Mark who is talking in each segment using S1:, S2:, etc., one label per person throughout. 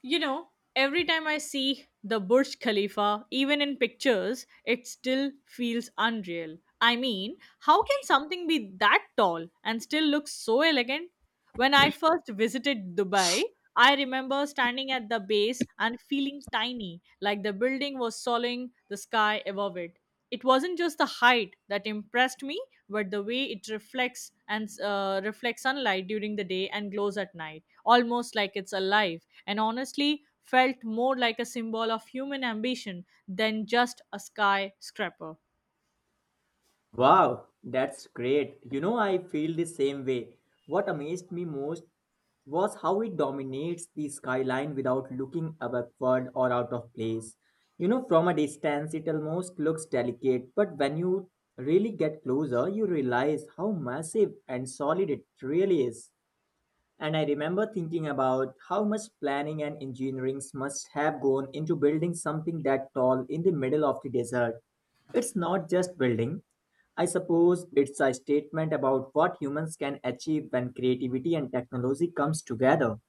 S1: You know, every time I see the Burj Khalifa, even in pictures, it still feels unreal. I mean, how can something be that tall and still look so elegant? When I first visited Dubai, I remember standing at the base and feeling tiny, like the building was swallowing the sky above it. It wasn't just the height that impressed me, but the way it reflects sunlight during the day and glows at night, almost like it's alive, and honestly felt more like a symbol of human ambition than just a skyscraper.
S2: Wow, that's great. You know, I feel the same way. What amazed me most was how it dominates the skyline without looking backward or out of place. You know, from a distance, it almost looks delicate, but when you really get closer, you realize how massive and solid it really is. And I remember thinking about how much planning and engineering must have gone into building something that tall in the middle of the desert. It's not just building, I suppose it's a statement about what humans can achieve when creativity and technology comes together.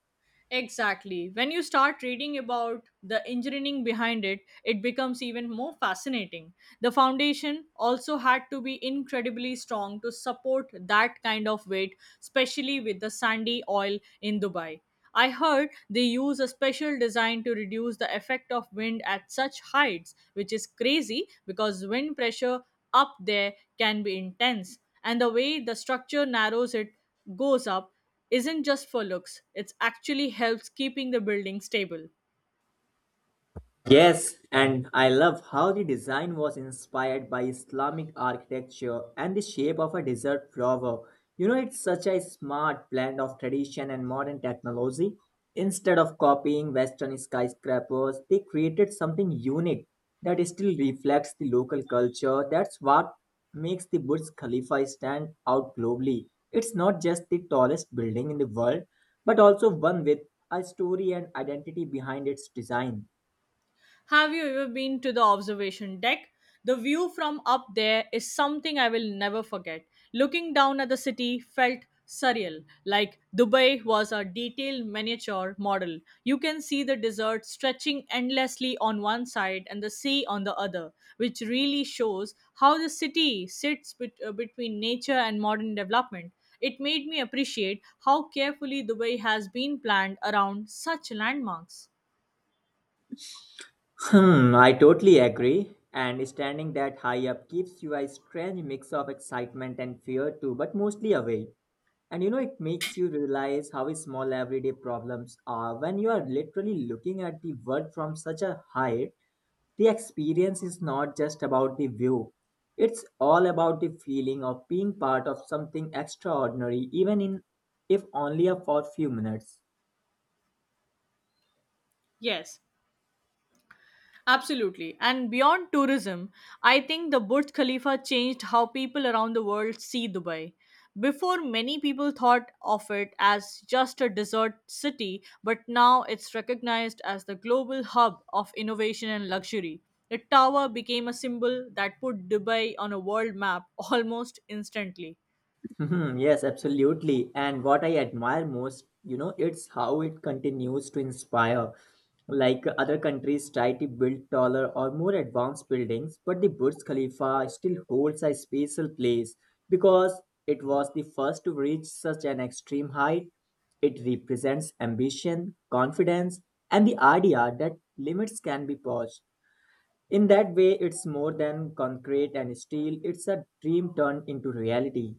S1: Exactly. When you start reading about the engineering behind it, it becomes even more fascinating. The foundation also had to be incredibly strong to support that kind of weight, especially with the sandy oil in Dubai. I heard they use a special design to reduce the effect of wind at such heights, which is crazy because wind pressure up there can be intense. And the way the structure narrows it goes up isn't just for looks, it actually helps keeping the building stable.
S2: Yes, and I love how the design was inspired by Islamic architecture and the shape of a desert flower. You know, it's such a smart blend of tradition and modern technology. Instead of copying Western skyscrapers, they created something unique that still reflects the local culture. That's what makes the Burj Khalifa stand out globally. It's not just the tallest building in the world, but also one with a story and identity behind its design.
S1: Have you ever been to the observation deck? The view from up there is something I will never forget. Looking down at the city felt surreal, like Dubai was a detailed miniature model. You can see the desert stretching endlessly on one side and the sea on the other, which really shows how the city sits between nature and modern development. It made me appreciate how carefully Dubai has been planned around such landmarks.
S2: Hmm, I totally agree. And standing that high up gives you a strange mix of excitement and fear too, but mostly away. And you know, it makes you realize how small everyday problems are. When you are literally looking at the world from such a height, the experience is not just about the view. It's all about the feeling of being part of something extraordinary, even in if only for a few minutes.
S1: Yes, absolutely. And beyond tourism, I think the Burj Khalifa changed how people around the world see Dubai. Before, many people thought of it as just a desert city, but now it's recognized as the global hub of innovation and luxury. The tower became a symbol that put Dubai on a world map almost instantly.
S2: Mhm, yes, absolutely. And what I admire most, you know, it's how it continues to inspire. Other countries try to build taller or more advanced buildings, but the Burj Khalifa still holds a special place because it was the first to reach such an extreme height. It represents ambition, confidence, and the idea that limits can be pushed. In that way, it's more than concrete and steel, it's a dream turned into reality.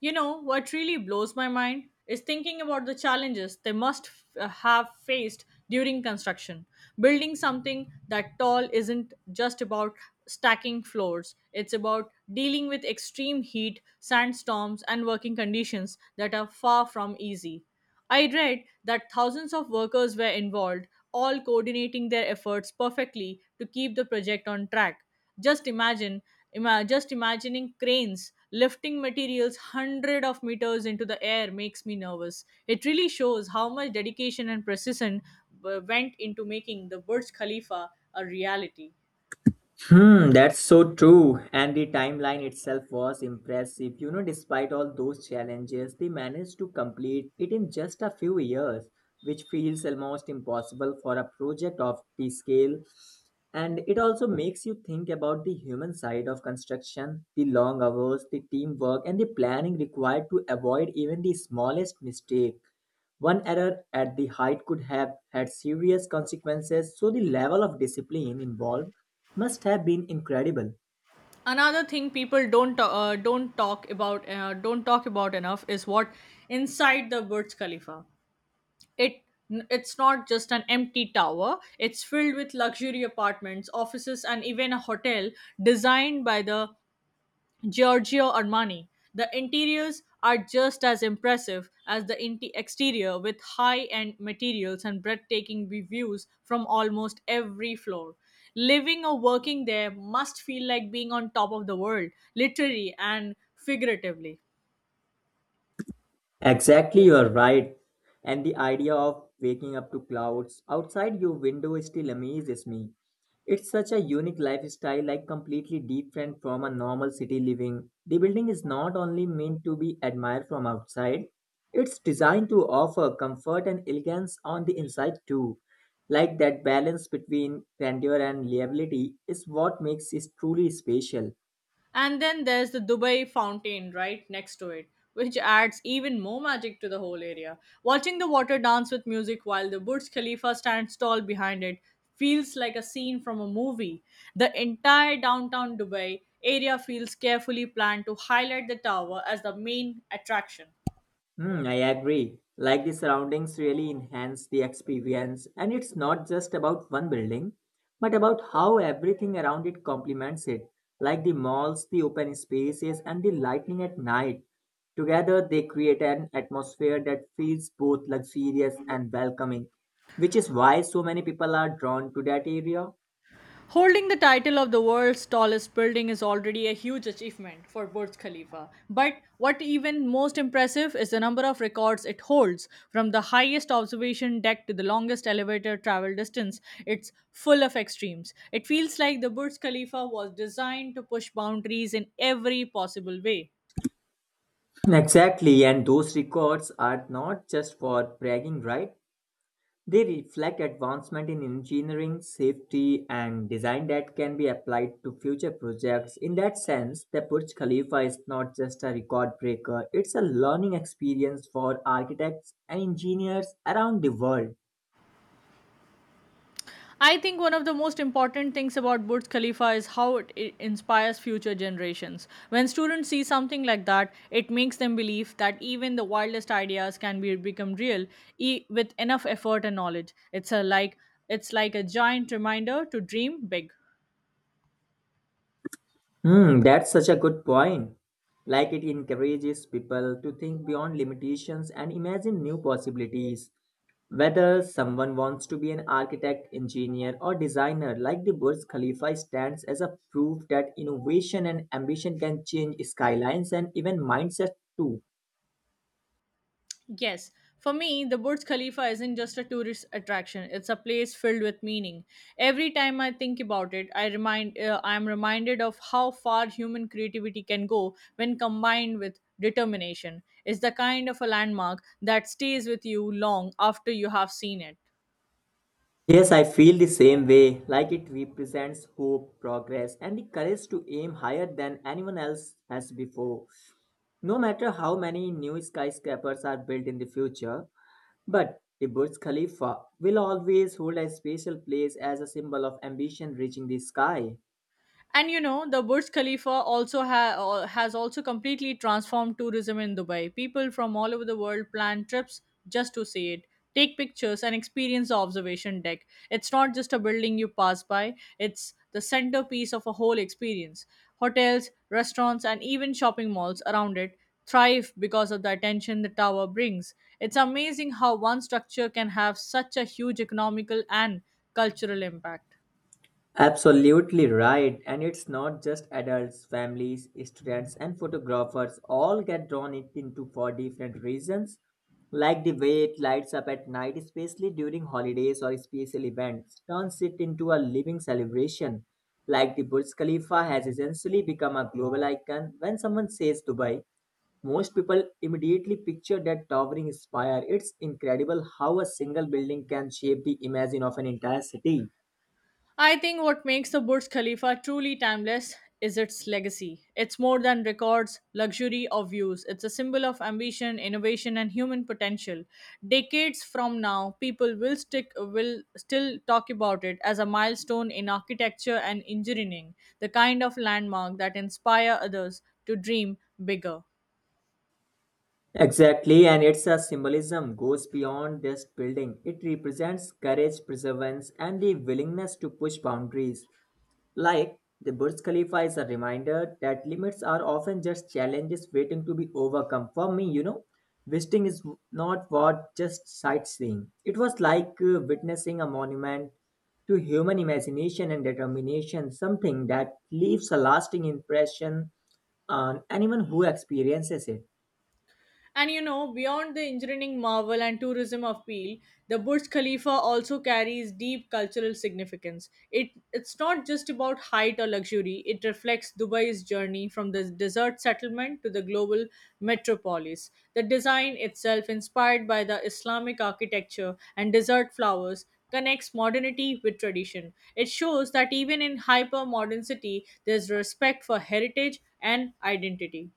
S1: You know, what really blows my mind is thinking about the challenges they must have faced during construction. Building something that tall isn't just about stacking floors, it's about dealing with extreme heat, sandstorms, and working conditions that are far from easy. I read that thousands of workers were involved, all coordinating their efforts perfectly to keep the project on track. Just imagine, just imagining cranes lifting materials hundred of meters into the air makes me nervous. It really shows how much dedication and precision went into making the Burj Khalifa a reality.
S2: Hmm, that's so true. And the timeline itself was impressive. You know, despite all those challenges, they managed to complete it in just a few years, which feels almost impossible for a project of the scale. And it also makes you think about the human side of construction, the long hours, the teamwork, and the planning required to avoid even the smallest mistake. One error at the height could have had serious consequences, so the level of discipline involved must have been incredible.
S1: Another thing people don't talk about enough is what inside the Burj Khalifa. It it's not just an empty tower. It's filled with luxury apartments, offices, and even a hotel designed by the Giorgio Armani. The interiors are just as impressive as the exterior with high end materials and breathtaking views from almost every floor. Living or working there must feel like being on top of the world, literally and figuratively.
S2: Exactly, you're right. And the idea of waking up to clouds outside your window still amazes me. It's such a unique lifestyle, like completely different from a normal city living. The building is not only meant to be admired from outside, it's designed to offer comfort and elegance on the inside too. Like that balance between grandeur and liability is what makes it truly special.
S1: And then there's the Dubai fountain right next to it, which adds even more magic to the whole area. Watching the water dance with music while the Burj Khalifa stands tall behind it feels like a scene from a movie. The entire downtown Dubai area feels carefully planned to highlight the tower as the main attraction.
S2: Hmm, I agree. Like the surroundings really enhance the experience, and it's not just about one building, but about how everything around it complements it, like the malls, the open spaces, and the lighting at night. Together, they create an atmosphere that feels both luxurious and welcoming, which is why so many people are drawn to that area.
S1: Holding the title of the world's tallest building is already a huge achievement for Burj Khalifa. But what even most impressive is the number of records it holds. From the highest observation deck to the longest elevator travel distance, it's full of extremes. It feels like the Burj Khalifa was designed to push boundaries in every possible way.
S2: Exactly, and those records are not just for bragging, right? They reflect advancement in engineering, safety, and design that can be applied to future projects. In that sense, the Burj Khalifa is not just a record breaker, it's a learning experience for architects and engineers around the world.
S1: I think one of the most important things about Burj Khalifa is how it inspires future generations. When students see something like that, it makes them believe that even the wildest ideas can be become real with enough effort and knowledge. It's a like it's like a giant reminder to dream big.
S2: Hmm, that's such a good point. Like it encourages people to think beyond limitations and imagine new possibilities. Whether someone wants to be an architect, engineer, or designer, like the Burj Khalifa stands as a proof that innovation and ambition can change skylines and even mindsets too.
S1: Yes. For me, the Burj Khalifa isn't just a tourist attraction. It's a place filled with meaning. Every time I think about it, I'm reminded of how far human creativity can go when combined with determination. It's the kind of a landmark that stays with you long after you have seen it.
S2: Yes, I feel the same way, like it represents hope, progress, and the courage to aim higher than anyone else has before. No matter how many new skyscrapers are built in the future, but the Burj Khalifa will always hold a special place as a symbol of ambition reaching the sky.
S1: And you know, the Burj Khalifa also has also completely transformed tourism in Dubai. People from all over the world plan trips just to see it, take pictures, and experience the observation deck. It's not just a building you pass by, it's the centerpiece of a whole experience. Hotels, restaurants, and even shopping malls around it thrive because of the attention the tower brings. It's amazing how one structure can have such a huge economical and cultural impact.
S2: Absolutely right. And it's not just adults, families, students, and photographers all get drawn it into for different reasons, like the way it lights up at night, especially during holidays or special events, turns it into a living celebration. Like the Burj Khalifa has essentially become a global icon. When someone says Dubai, most people immediately picture that towering spire. It's incredible how a single building can shape the image of an entire city.
S1: I think what makes the Burj Khalifa truly timeless is its legacy. It's more than records, luxury, or views. It's a symbol of ambition, innovation, and human potential. Decades from now, people will still talk about it as a milestone in architecture and engineering, the kind of landmark that inspire others to dream bigger.
S2: Exactly, and its a symbolism goes beyond just building. It represents courage, perseverance, and the willingness to push boundaries. Like the Burj Khalifa is a reminder that limits are often just challenges waiting to be overcome. For me, you know, visiting is not what just sightseeing. It was witnessing a monument to human imagination and determination, something that leaves a lasting impression on anyone who experiences it.
S1: And you know, beyond the engineering marvel and tourism appeal, the Burj Khalifa also carries deep cultural significance. It's not just about height or luxury. It reflects Dubai's journey from the desert settlement to the global metropolis. The design itself, inspired by the Islamic architecture and desert flowers, connects modernity with tradition. It shows that even in hyper modern city, there's respect for heritage and identity.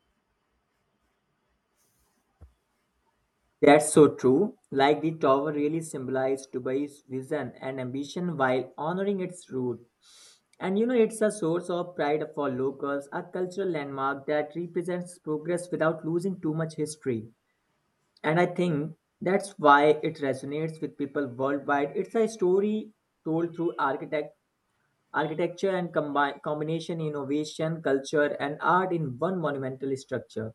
S2: That's so true. Like the tower really symbolized Dubai's vision and ambition while honoring its root. And you know, it's a source of pride for locals, a cultural landmark that represents progress without losing too much history. And I think that's why it resonates with people worldwide. It's a story told through architecture and combination innovation, culture, and art in one monumental structure.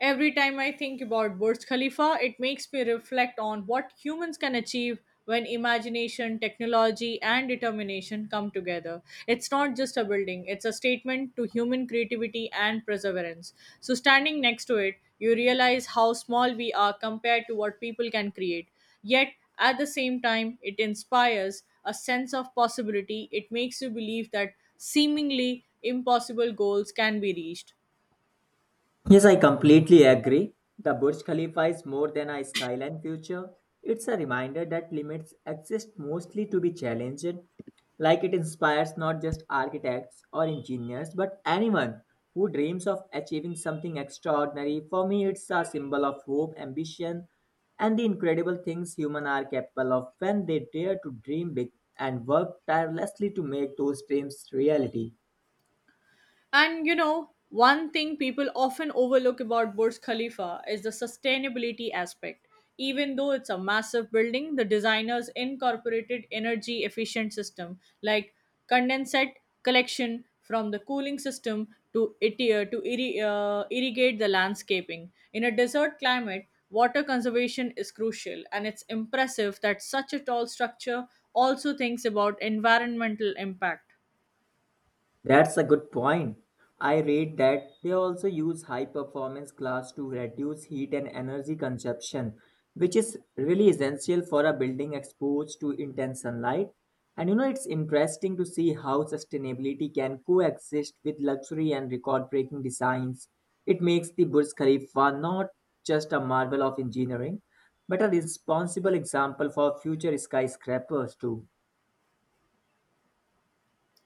S1: Every time I think about Burj Khalifa, it makes me reflect on what humans can achieve when imagination, technology, and determination come together. It's not just a building, it's a statement to human creativity and perseverance. So, standing next to it, you realize how small we are compared to what people can create. Yet, at the same time, it inspires a sense of possibility. It makes you believe that seemingly impossible goals can be reached.
S2: Yes, I completely agree. The Burj Khalifa is more than a skyline future. It's a reminder that limits exist mostly to be challenged. Like it inspires not just architects or engineers, but anyone who dreams of achieving something extraordinary. For me, it's a symbol of hope, ambition, and the incredible things humans are capable of when they dare to dream big and work tirelessly to make those dreams reality.
S1: And you know, one thing people often overlook about Burj Khalifa is the sustainability aspect. Even though it's a massive building, the designers incorporated energy efficient system like condensate collection from the cooling system to irrigate the landscaping. In a desert climate, water conservation is crucial and it's impressive that such a tall structure also thinks about environmental impact.
S2: That's a good point. I read that they also use high performance glass to reduce heat and energy consumption, which is really essential for a building exposed to intense sunlight. And you know, it's interesting to see how sustainability can coexist with luxury and record breaking designs. It makes the Burj Khalifa not just a marvel of engineering, but a responsible example for future skyscrapers, too.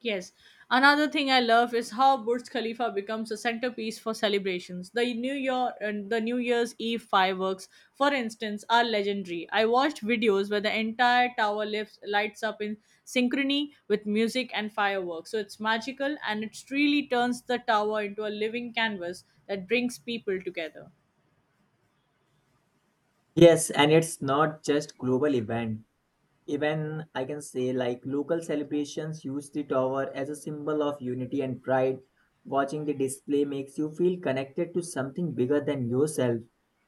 S1: Yes. Another thing I love is how Burj Khalifa becomes a centerpiece for celebrations. The New Year and the New Year's Eve fireworks, for instance, are legendary. I watched videos where the entire tower lifts, lights up in synchrony with music and fireworks. So it's magical and it really turns the tower into a living canvas that brings people together.
S2: Yes, and it's not just global event. Even I can say, like, local celebrations use the tower as a symbol of unity and pride. Watching the display makes you feel connected to something bigger than yourself.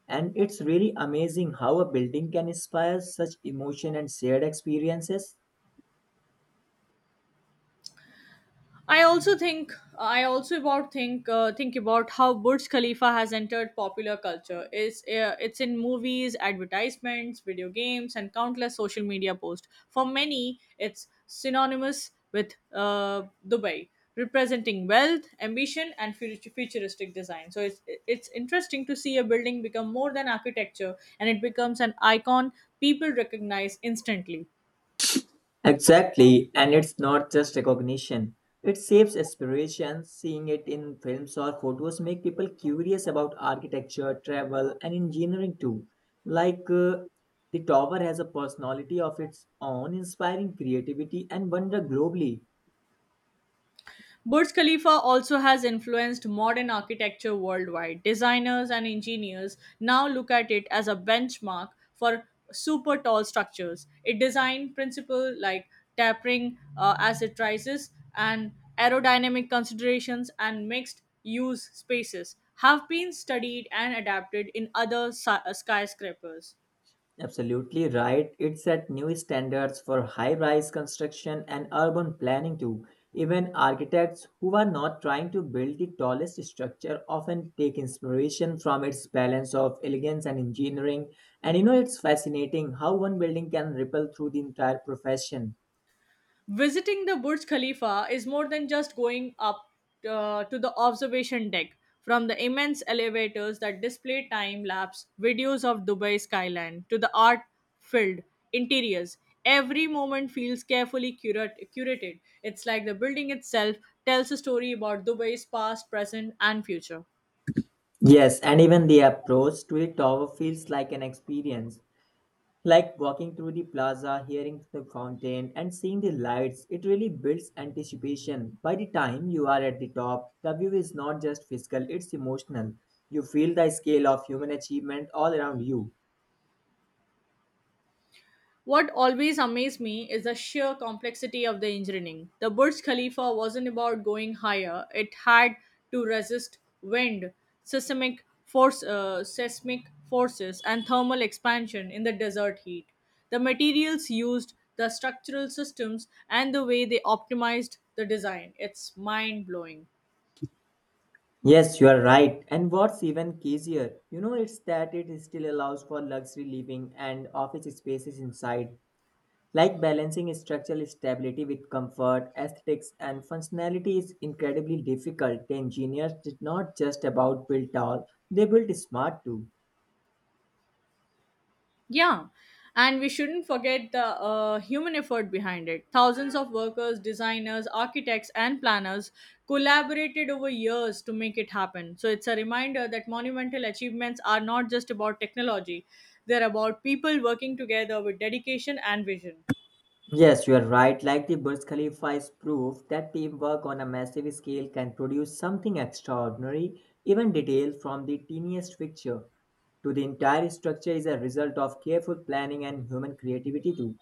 S2: And it's really amazing how a building can inspire such emotion and shared experiences.
S1: I also think I also about think about how Burj Khalifa has entered popular culture. It's in movies, advertisements, video games, and countless social media posts. For many, it's synonymous with Dubai, representing wealth, ambition, and futuristic design. So it's interesting to see a building become more than architecture, and it becomes an icon people recognize instantly.
S2: Exactly, and it's not just recognition. It saves aspiration. Seeing it in films or photos make people curious about architecture, travel, and engineering too. Like uh, the tower has a personality of its own, inspiring creativity and wonder globally.
S1: Burj Khalifa also has influenced modern architecture worldwide. Designers and engineers now look at it as a benchmark for super tall structures. It design principle like tapering as it rises and aerodynamic considerations and mixed use spaces have been studied and adapted in other skyscrapers.
S2: Absolutely right. It set new standards for high rise construction and urban planning too. Even architects who are not trying to build the tallest structure often take inspiration from its balance of elegance and engineering. And you know, it's fascinating how one building can ripple through the entire profession.
S1: Visiting the Burj Khalifa is more than just going up to the observation deck. From the immense elevators that display time lapse videos of Dubai skyline to the art filled interiors, every moment feels carefully curated. It's like the building itself tells a story about Dubai's past, present, and future.
S2: Yes, and even the approach to the tower feels like an experience. Like walking through the plaza, hearing the fountain, and seeing the lights, it really builds anticipation. By the time you are at the top, the view is not just physical, it's emotional. You feel the scale of human achievement all around you.
S1: What always amazed me is the sheer complexity of the engineering. The Burj Khalifa wasn't about going higher, it had to resist wind, seismic forces, and thermal expansion in the desert heat. The materials used, the structural systems, and the way they optimized the design. It's mind blowing.
S2: Yes, you are right. And what's even crazier, you know, it's that it still allows for luxury living and office spaces inside. Like balancing structural stability with comfort, aesthetics, and functionality is incredibly difficult. The engineers did not just about build tall, they built smart too.
S1: Yeah, and we shouldn't forget the human effort behind it. Thousands of workers, designers, architects, and planners collaborated over years to make it happen. So it's a reminder that monumental achievements are not just about technology, they're about people working together with dedication and vision.
S2: Yes, you are right. Like the Burj Khalifa is proof that teamwork on a massive scale can produce something extraordinary, even detail from the tiniest picture to the entire structure is a result of careful planning and human creativity too.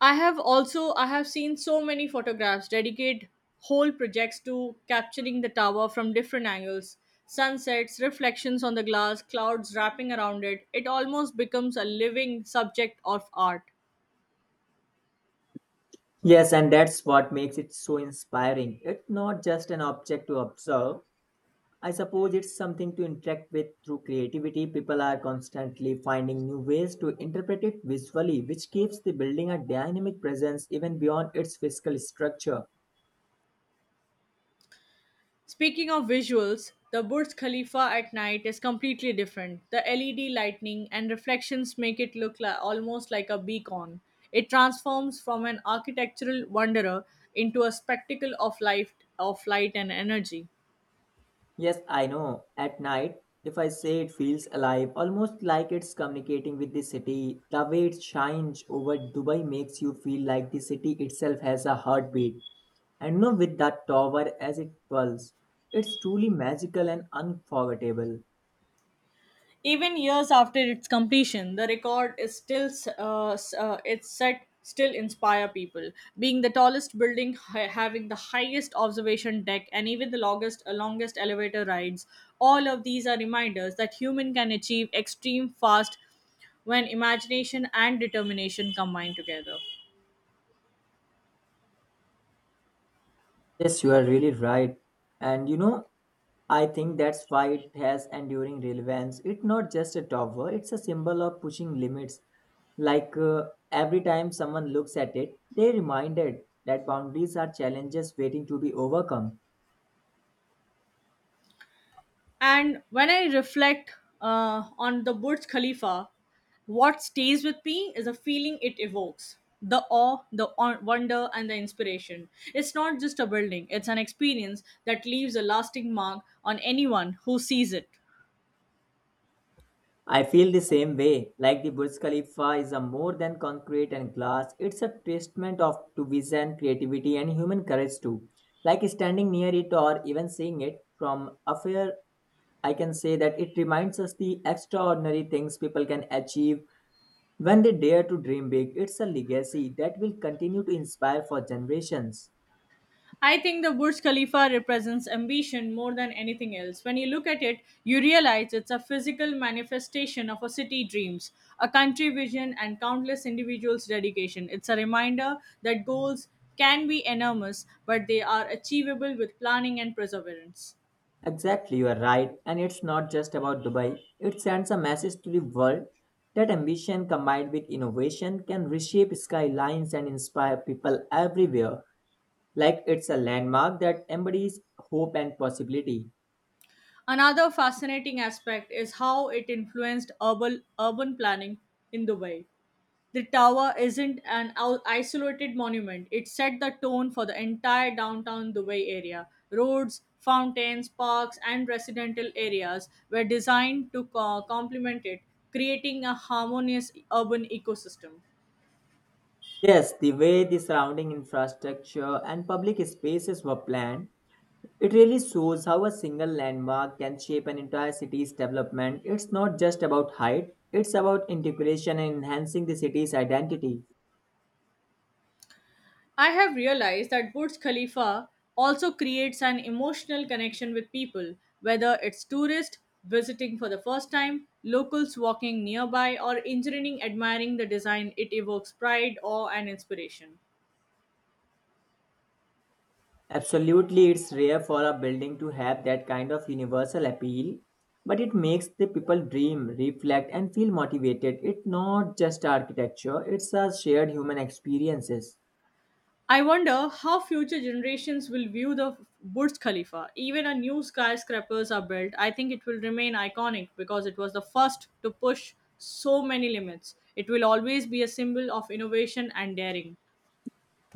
S1: I have also I have seen so many photographs dedicate whole projects to capturing the tower from different angles. Sunsets, reflections on the glass, clouds wrapping around it. It almost becomes a living subject of art.
S2: Yes, and that's what makes it so inspiring. It's not just an object to observe, I suppose it's something to interact with through creativity. People are constantly finding new ways to interpret it visually, which gives the building a dynamic presence even beyond its physical structure.
S1: Speaking of visuals, the Burj Khalifa at night is completely different. The LED lightning and reflections make it look like, almost like a beacon. It transforms from an architectural wonderer into a spectacle of life of light and energy.
S2: Yes, I know. At night, if I say it feels alive, almost like it's communicating with the city, the way it shines over Dubai makes you feel like the city itself has a heartbeat. And you know, with that tower as it pulses, it's truly magical and unforgettable.
S1: Even years after its completion, the record is still s- s- it's set still inspire people, being the tallest building, having the highest observation deck, and even the longest elevator rides. All of these are reminders that human can achieve extreme fast when imagination and determination combine together.
S2: Yes, you are really right. And you know, I think that's why it has enduring relevance. It's not just a tower, it's a symbol of pushing limits. Like uh, every time someone looks at it, they're reminded that boundaries are challenges waiting to be overcome.
S1: And when I reflect on the Burj Khalifa, what stays with me is the feeling it evokes the awe, the wonder, and the inspiration. It's not just a building, it's an experience that leaves a lasting mark on anyone who sees it.
S2: I feel the same way. Like the Burj Khalifa is a more than concrete and glass, it's a testament of to vision, creativity, and human courage too. Like standing near it or even seeing it from afar I can say that it reminds us the extraordinary things people can achieve when they dare to dream big. It's a legacy that will continue to inspire for generations.
S1: I think the Burj Khalifa represents ambition more than anything else. When you look at it, you realize it's a physical manifestation of a city dreams, a country vision, and countless individuals' dedication. It's a reminder that goals can be enormous, but they are achievable with planning and perseverance.
S2: Exactly, you are right. And it's not just about Dubai, it sends a message to the world that ambition combined with innovation can reshape skylines and inspire people everywhere. Like it's a landmark that embodies hope and possibility.
S1: Another fascinating aspect is how it influenced urban planning in Dubai. The tower isn't an isolated monument. It set the tone for the entire downtown Dubai area. Roads, fountains, parks, and residential areas were designed to complement it, creating a harmonious urban ecosystem.
S2: Yes, the way the surrounding infrastructure and public spaces were planned It really shows how a single landmark can shape an entire city's development. It's not just about height, it's about integration and enhancing the city's identity.
S1: I have realized that Burj Khalifa also creates an emotional connection with people, whether it's tourists visiting for the first time, locals walking nearby, or engineering admiring the design. It evokes pride, awe, and inspiration.
S2: Absolutely, it's rare for a building to have that kind of universal appeal, but it makes the people dream, reflect, and feel motivated. It's not just architecture, it's a shared human experiences.
S1: I wonder how future generations will view the Burj Khalifa. Even a new skyscrapers are built, I think it will remain iconic because it was the first to push so many limits. It will always be a symbol of innovation and daring.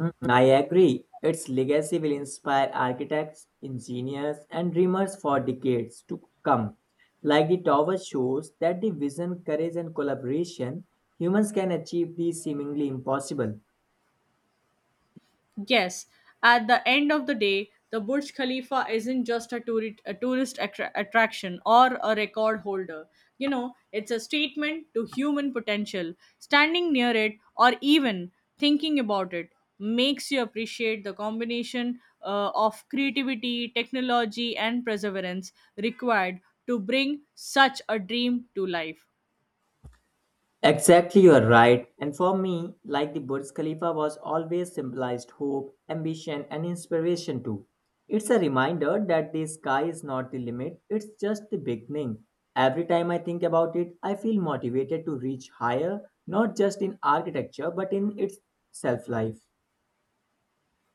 S2: Mm, I agree. Its legacy will inspire architects, engineers, and dreamers for decades to come. Like the tower shows that the vision, courage, and collaboration humans can achieve the seemingly impossible.
S1: Yes, at the end of the day, the Burj Khalifa isn't just a tourist attraction or a record holder. You know, it's a statement to human potential. Standing near it or even thinking about it makes you appreciate the combination of creativity, technology, and perseverance required to bring such a dream to life.
S2: Exactly, you are right. And for me, like the Burj Khalifa was always symbolized hope, ambition, and inspiration too. It's a reminder that the sky is not the limit, it's just the beginning. Every time I think about it, I feel motivated to reach higher, not just in architecture, but in its self life.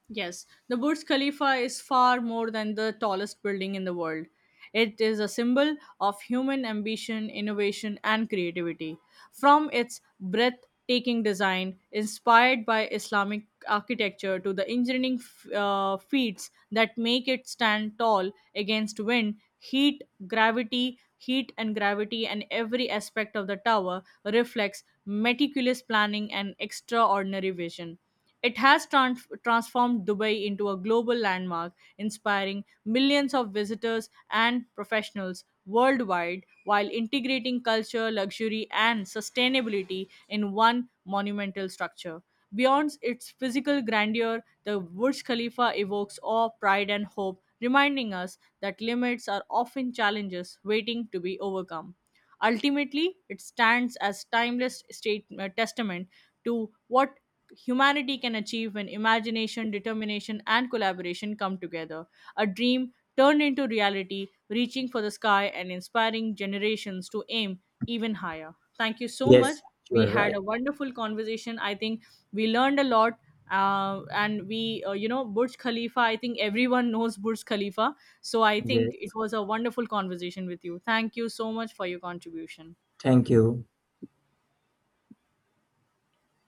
S1: Yes, the Burj Khalifa is far more than the tallest building in the world. It is a symbol of human ambition, innovation, and creativity. From its breathtaking design, inspired by Islamic architecture, to the engineering feats that make it stand tall against wind, heat and gravity, and every aspect of the tower reflects meticulous planning and extraordinary vision. It has transformed Dubai into a global landmark, inspiring millions of visitors and professionals worldwide while integrating culture, luxury, and sustainability in one monumental structure. Beyond its physical grandeur, the Burj Khalifa evokes awe, pride, and hope, reminding us that limits are often challenges waiting to be overcome. Ultimately, it stands as timeless testament to what humanity can achieve when imagination, determination, and collaboration come together. A dream turned into reality, reaching for the sky and inspiring generations to aim even higher. Thank you so
S2: Yes,
S1: much.
S2: you
S1: We
S2: are
S1: had
S2: right.
S1: a wonderful conversation. I think we learned a lot. And you know, Burj Khalifa, I think everyone knows Burj Khalifa. So I think it
S2: Yes,
S1: was a wonderful conversation with you. Thank you so much for your contribution.
S2: thank you.